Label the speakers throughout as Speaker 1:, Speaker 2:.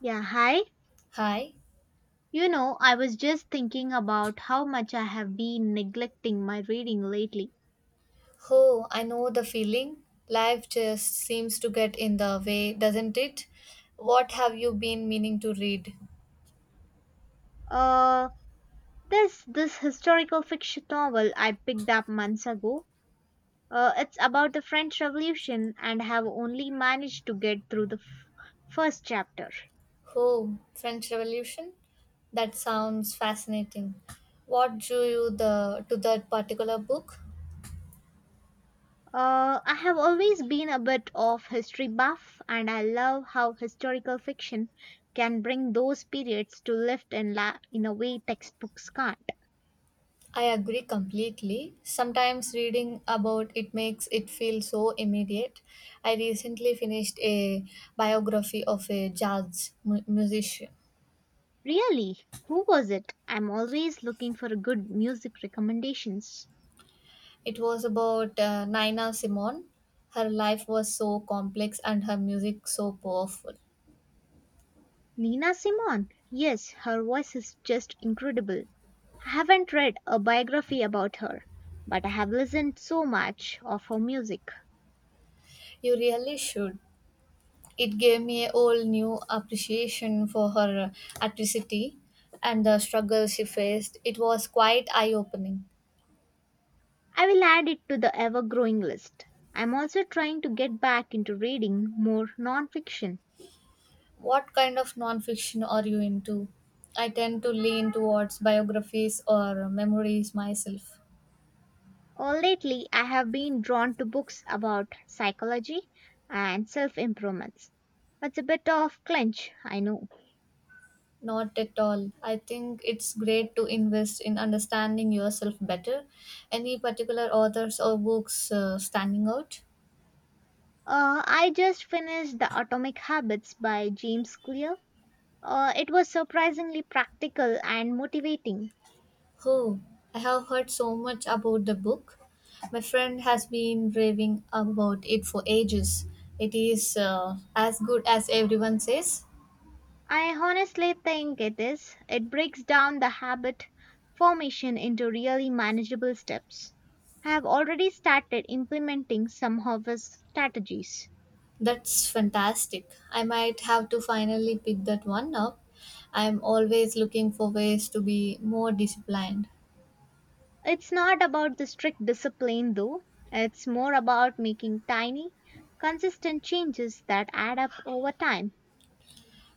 Speaker 1: Yeah, hi.
Speaker 2: Hi.
Speaker 1: You know, I was just thinking about how much I have been neglecting my reading lately.
Speaker 2: Oh, I know the feeling. Life just seems to get in the way, doesn't it? What have you been meaning to read?
Speaker 1: Uh, this historical fiction novel I picked up months ago. It's about the French Revolution and have only managed to get through the first chapter.
Speaker 2: Oh, French Revolution? That sounds fascinating. What drew you the to that particular book?
Speaker 1: I have always been a bit of history buff, and I love how historical fiction can bring those periods to life in a way textbooks can't.
Speaker 2: I agree completely. Sometimes reading about it makes it feel so immediate. I recently finished a biography of a musician.
Speaker 1: Really? Who was it? I'm always looking for good music recommendations.
Speaker 2: It was about Nina Simone. Her life was so complex and her music so powerful.
Speaker 1: Nina Simone. Yes, her voice is just incredible. I haven't read a biography about her, but I have listened so much of her music.
Speaker 2: You really should. It gave me a whole new appreciation for her atrocity and the struggle she faced. It was quite eye opening.
Speaker 1: I will add it to the ever growing list. I'm also trying to get back into reading more nonfiction.
Speaker 2: What kind of non fiction are you into? I tend to lean towards biographies or memories myself.
Speaker 1: Oh, lately, I have been drawn to books about psychology and self improvements. It's a bit of clench, I know.
Speaker 2: Not at all. I think it's great to invest in understanding yourself better. Any particular authors or books standing out?
Speaker 1: I just finished The Atomic Habits by James Clear. It was surprisingly practical and motivating.
Speaker 2: Oh, I have heard so much about the book. My friend has been raving about it for ages. It is as good as everyone says.
Speaker 1: I honestly think it is. It breaks down the habit formation into really manageable steps. I have already started implementing some of his strategies.
Speaker 2: That's fantastic. I might have to finally pick that one up. I'm always looking for ways to be more disciplined.
Speaker 1: It's not about the strict discipline though, it's more about making tiny, consistent changes that add up over time.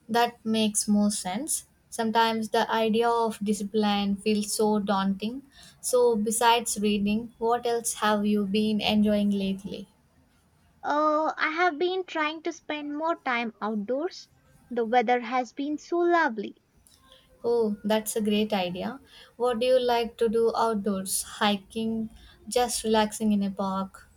Speaker 2: That makes more sense. Sometimes the idea of discipline feels so daunting. So, besides reading, what else have you been enjoying lately?
Speaker 1: I have been trying to spend more time outdoors. The weather has been so lovely.
Speaker 2: Oh, that's a great idea. What do you like to do outdoors? Hiking, just relaxing in a park?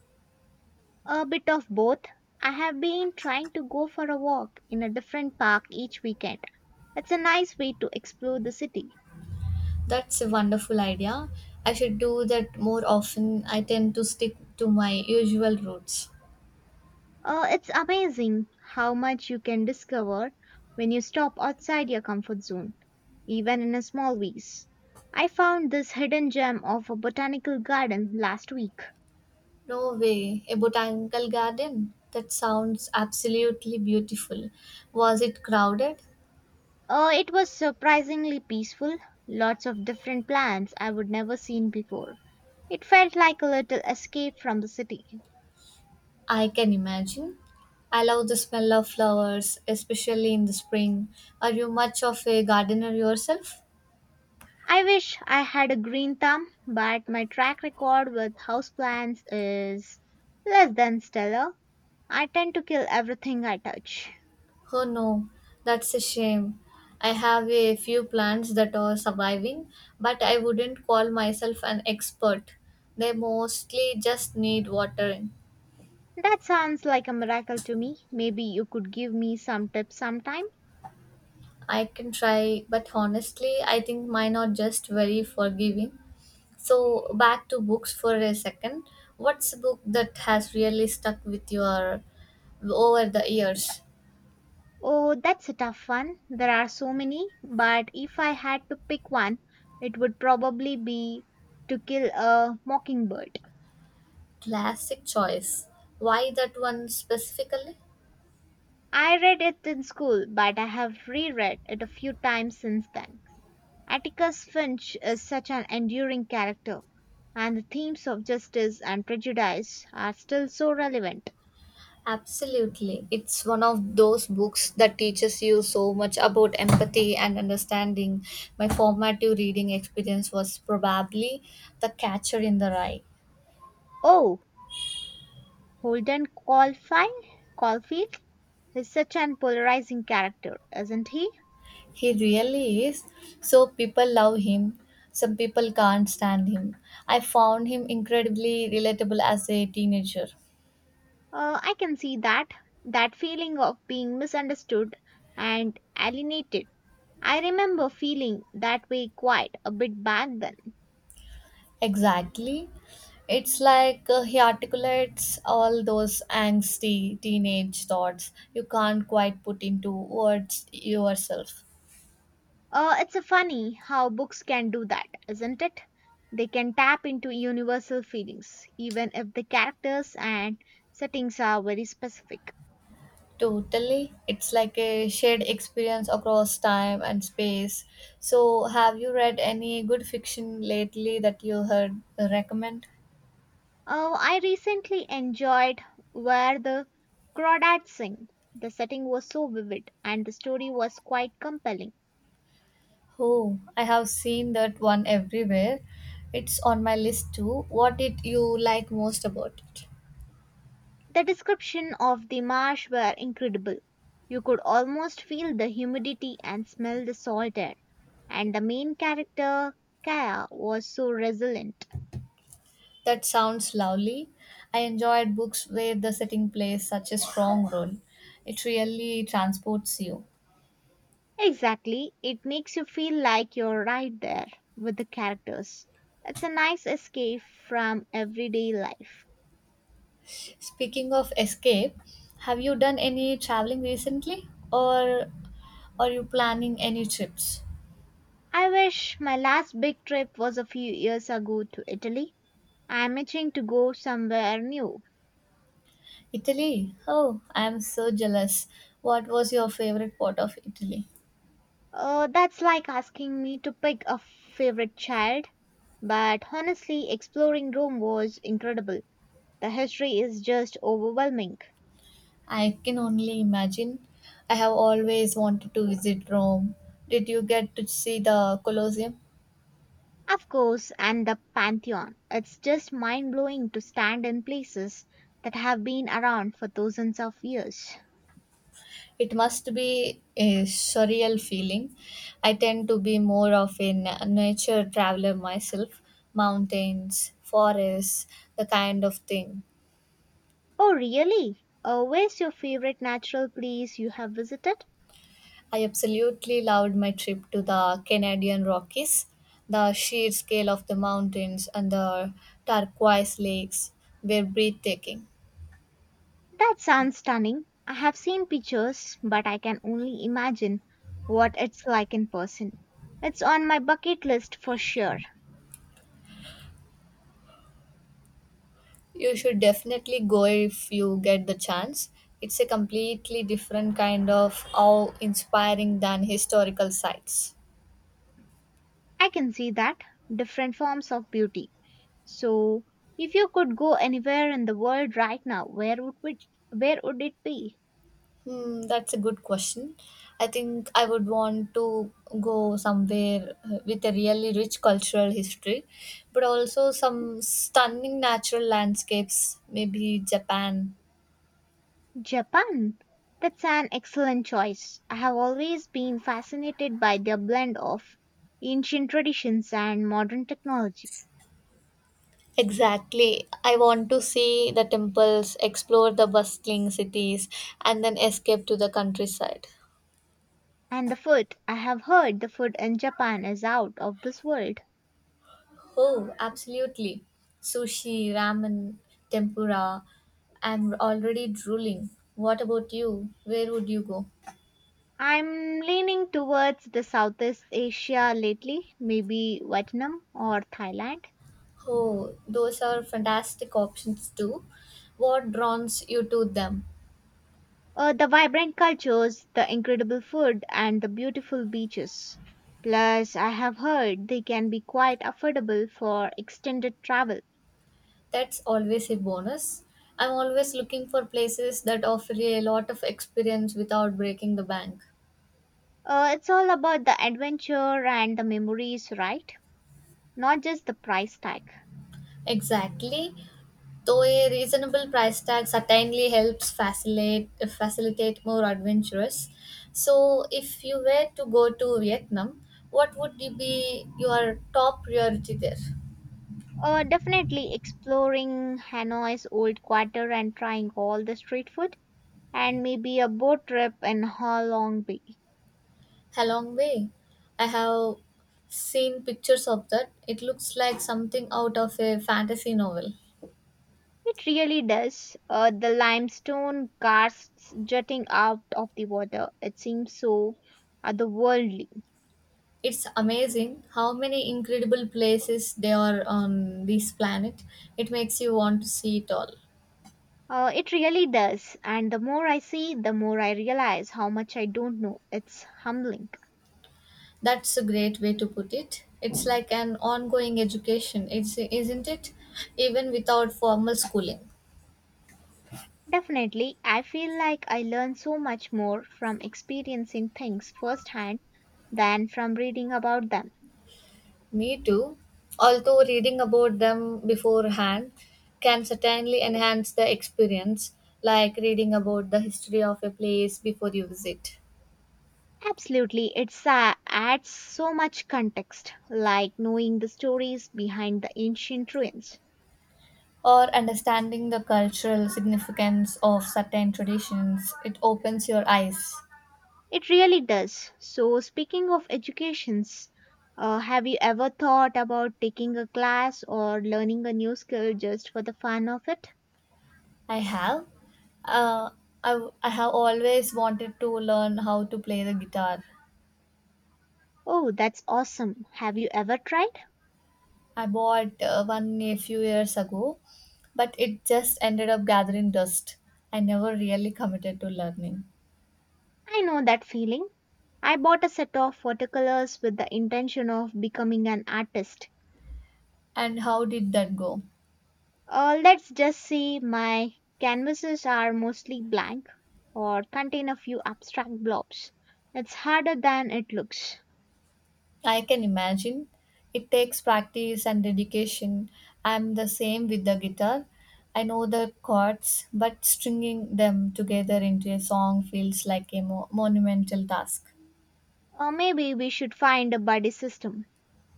Speaker 1: A bit of both. I have been trying to go for a walk in a different park each weekend. It's a nice way to explore the city.
Speaker 2: That's a wonderful idea. I should do that more often. I tend to stick to my usual routes.
Speaker 1: It's amazing how much you can discover when you stop outside your comfort zone, even in a small ways. I found this hidden gem of a botanical garden last week.
Speaker 2: No way, a botanical garden? That sounds absolutely beautiful. Was it crowded?
Speaker 1: It was surprisingly peaceful, lots of different plants I would never seen before. It felt like a little escape from the city.
Speaker 2: I can imagine. I love the smell of flowers, especially in the spring. Are you much of a gardener yourself?
Speaker 1: I wish I had a green thumb, but my track record with houseplants is less than stellar. I tend to kill everything I touch.
Speaker 2: Oh no, that's a shame. I have a few plants that are surviving, but I wouldn't call myself an expert. They mostly just need watering.
Speaker 1: That sounds like a miracle to me. Maybe you could give me some tips sometime.
Speaker 2: I can try, but honestly, I think mine are just very forgiving. So back to books for a second. What's a book that has really stuck with your over the years?
Speaker 1: Oh, that's a tough one. There are so many, but if I had to pick one, it would probably be To Kill a Mockingbird.
Speaker 2: Classic choice. Why that one specifically?
Speaker 1: I read it in school, but I have reread it a few times since then. Atticus Finch is such an enduring character, and the themes of justice and prejudice are still so relevant.
Speaker 2: Absolutely. It's one of those books that teaches you so much about empathy and understanding. My formative reading experience was probably The Catcher in the Rye.
Speaker 1: Oh, Holden Caulfield? Caulfield is such an polarizing character, isn't he?
Speaker 2: He really is. So people love him. Some people can't stand him. I found him incredibly relatable as a teenager.
Speaker 1: I can see that. That feeling of being misunderstood and alienated. I remember feeling that way quite a bit back then.
Speaker 2: Exactly. It's like he articulates all those angsty teenage thoughts you can't quite put into words yourself.
Speaker 1: It's a funny how books can do that, isn't it? They can tap into universal feelings, even if the characters and settings are very specific.
Speaker 2: Totally. It's like a shared experience across time and space. So, have you read any good fiction lately that you heard recommend?
Speaker 1: Oh, I recently enjoyed Where the Crawdads Sing. The setting was so vivid and the story was quite compelling.
Speaker 2: Oh, I have seen that one everywhere. It's on my list too. What did you like most about it?
Speaker 1: The description of the marsh were incredible. You could almost feel the humidity and smell the salt air. And the main character, Kaya, was so resilient.
Speaker 2: That sounds lovely. I enjoyed books where the setting plays such a strong role. It really transports you.
Speaker 1: Exactly, it makes you feel like you're right there with the characters. It's a nice escape from everyday life.
Speaker 2: Speaking of escape, have you done any traveling recently or are you planning any trips?
Speaker 1: I wish my last big trip was a few years ago to Italy. I'm itching to go somewhere new.
Speaker 2: Italy? Oh, I am so jealous. What was your favorite part of Italy?
Speaker 1: That's like asking me to pick a favorite child. But honestly, exploring Rome was incredible. The history is just overwhelming.
Speaker 2: I can only imagine. I have always wanted to visit Rome. Did you get to see the Colosseum?
Speaker 1: Of course, and the Pantheon. It's just mind blowing to stand in places that have been around for thousands of years.
Speaker 2: It must be a surreal feeling. I tend to be more of a nature traveler myself mountains, forests, the kind of thing.
Speaker 1: Oh, really? Where's your favorite natural place you have visited?
Speaker 2: I absolutely loved my trip to the Canadian Rockies. The sheer scale of the mountains and the turquoise lakes were breathtaking.
Speaker 1: That sounds stunning. I have seen pictures, but I can only imagine what it's like in person. It's on my bucket list for sure.
Speaker 2: You should definitely go if you get the chance. It's a completely different kind of awe inspiring than historical sites.
Speaker 1: I can see that different forms of beauty. So, if you could go anywhere in the world right now, where would it be?
Speaker 2: Hmm, that's a good question. I think I would want to go somewhere with a really rich cultural history, but also some stunning natural landscapes, maybe Japan.
Speaker 1: Japan. That's an excellent choice. I have always been fascinated by their blend of ancient traditions and modern technology.
Speaker 2: Exactly. I want to see the temples, explore the bustling cities, and then escape to the countryside.
Speaker 1: And the food, I have heard the food in Japan is out of this world.
Speaker 2: Oh, absolutely. Sushi, ramen, tempura. I'm already drooling. What about you? Where would you go?
Speaker 1: I'm leaning towards the Southeast Asia lately, maybe Vietnam or Thailand.
Speaker 2: Oh, those are fantastic options too. What draws you to them?
Speaker 1: The vibrant cultures, the incredible food, and the beautiful beaches. Plus, I have heard they can be quite affordable for extended travel.
Speaker 2: That's always a bonus. I'm always looking for places that offer a lot of experience without breaking the bank.
Speaker 1: It's all about the adventure and the memories, right? Not just the price tag.
Speaker 2: Exactly. Though a reasonable price tag certainly helps facilitate more adventurous. So, if you were to go to Vietnam, what would you be your top priority there?
Speaker 1: Definitely exploring Hanoi's old quarter and trying all the street food, and maybe a boat trip in Ha Long Bay.
Speaker 2: Halong Bay. I have seen pictures of that. It looks like something out of a fantasy novel.
Speaker 1: It really does. The limestone casts jutting out of the water. It seems so otherworldly.
Speaker 2: It's amazing how many incredible places there are on this planet. It makes you want to see it all.
Speaker 1: It really does. And the more I see, the more I realize how much I don't know. It's humbling.
Speaker 2: That's a great way to put it. It's like an ongoing education, isn't it? Even without formal schooling.
Speaker 1: Definitely, I feel like I learn so much more from experiencing things firsthand than from reading about them.
Speaker 2: Me too. Although reading about them beforehand can certainly enhance the experience, like reading about the history of a place before you visit,
Speaker 1: Absolutely, it adds so much context, like knowing the stories behind the ancient ruins.
Speaker 2: or understanding the cultural significance of certain traditions. It opens your eyes.
Speaker 1: It really does. So, speaking of educations, have you ever thought about taking a class or learning a new skill just for the fun of it?
Speaker 2: I have. Uh, I have always wanted to learn how to play the guitar.
Speaker 1: Oh, that's awesome. Have you ever tried?
Speaker 2: I bought one a few years ago, but it just ended up gathering dust. I never really committed to learning.
Speaker 1: I know that feeling. I bought a set of watercolors with the intention of becoming an artist.
Speaker 2: And how did that go?
Speaker 1: Let's just say my canvases are mostly blank or contain a few abstract blobs. It's harder than it looks.
Speaker 2: I can imagine. It takes practice and dedication. I'm the same with the guitar. I know the chords, but stringing them together into a song feels like a monumental task.
Speaker 1: Or maybe we should find a buddy system.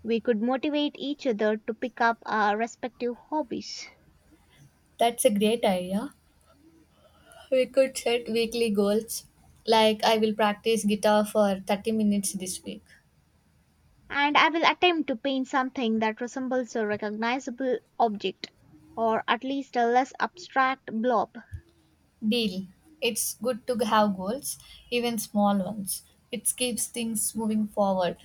Speaker 1: We could motivate each other to pick up our respective hobbies.
Speaker 2: That's a great idea. We could set weekly goals. Like, I will practice guitar for 30 minutes this week.
Speaker 1: And I will attempt to paint something that resembles a recognizable object, or at least a less abstract blob.
Speaker 2: Deal. It's good to have goals, even small ones. It keeps things moving forward.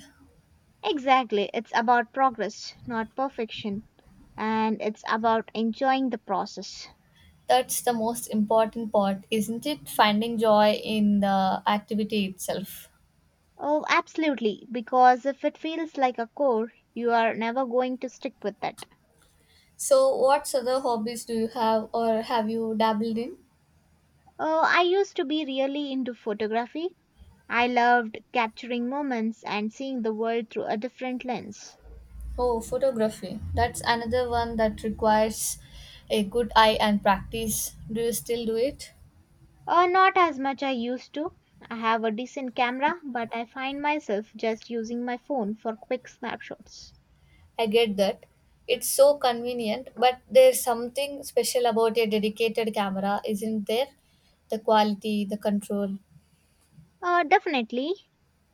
Speaker 1: Exactly. It's about progress, not perfection. And it's about enjoying the process.
Speaker 2: That's the most important part, isn't it? Finding joy in the activity itself.
Speaker 1: Oh, absolutely. Because if it feels like a chore, you are never going to stick with it.
Speaker 2: So, what other hobbies do you have or have you dabbled in?
Speaker 1: Oh, I used to be really into photography. I loved capturing moments and seeing the world through a different lens.
Speaker 2: Oh, photography. That's another one that requires a good eye and practice. Do you still do it?
Speaker 1: Oh, not as much I used to. I have a decent camera, but I find myself just using my phone for quick snapshots.
Speaker 2: I get that. It's so convenient, but there's something special about a dedicated camera, isn't there? The quality, the control.
Speaker 1: Definitely.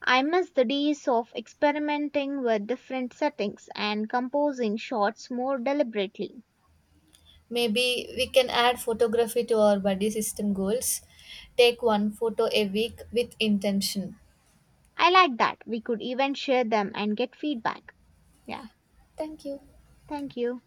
Speaker 1: I miss the days of experimenting with different settings and composing shots more deliberately.
Speaker 2: Maybe we can add photography to our body system goals. Take one photo a week with intention.
Speaker 1: I like that we could even share them and get feedback. Yeah,
Speaker 2: Thank you.
Speaker 1: thank you.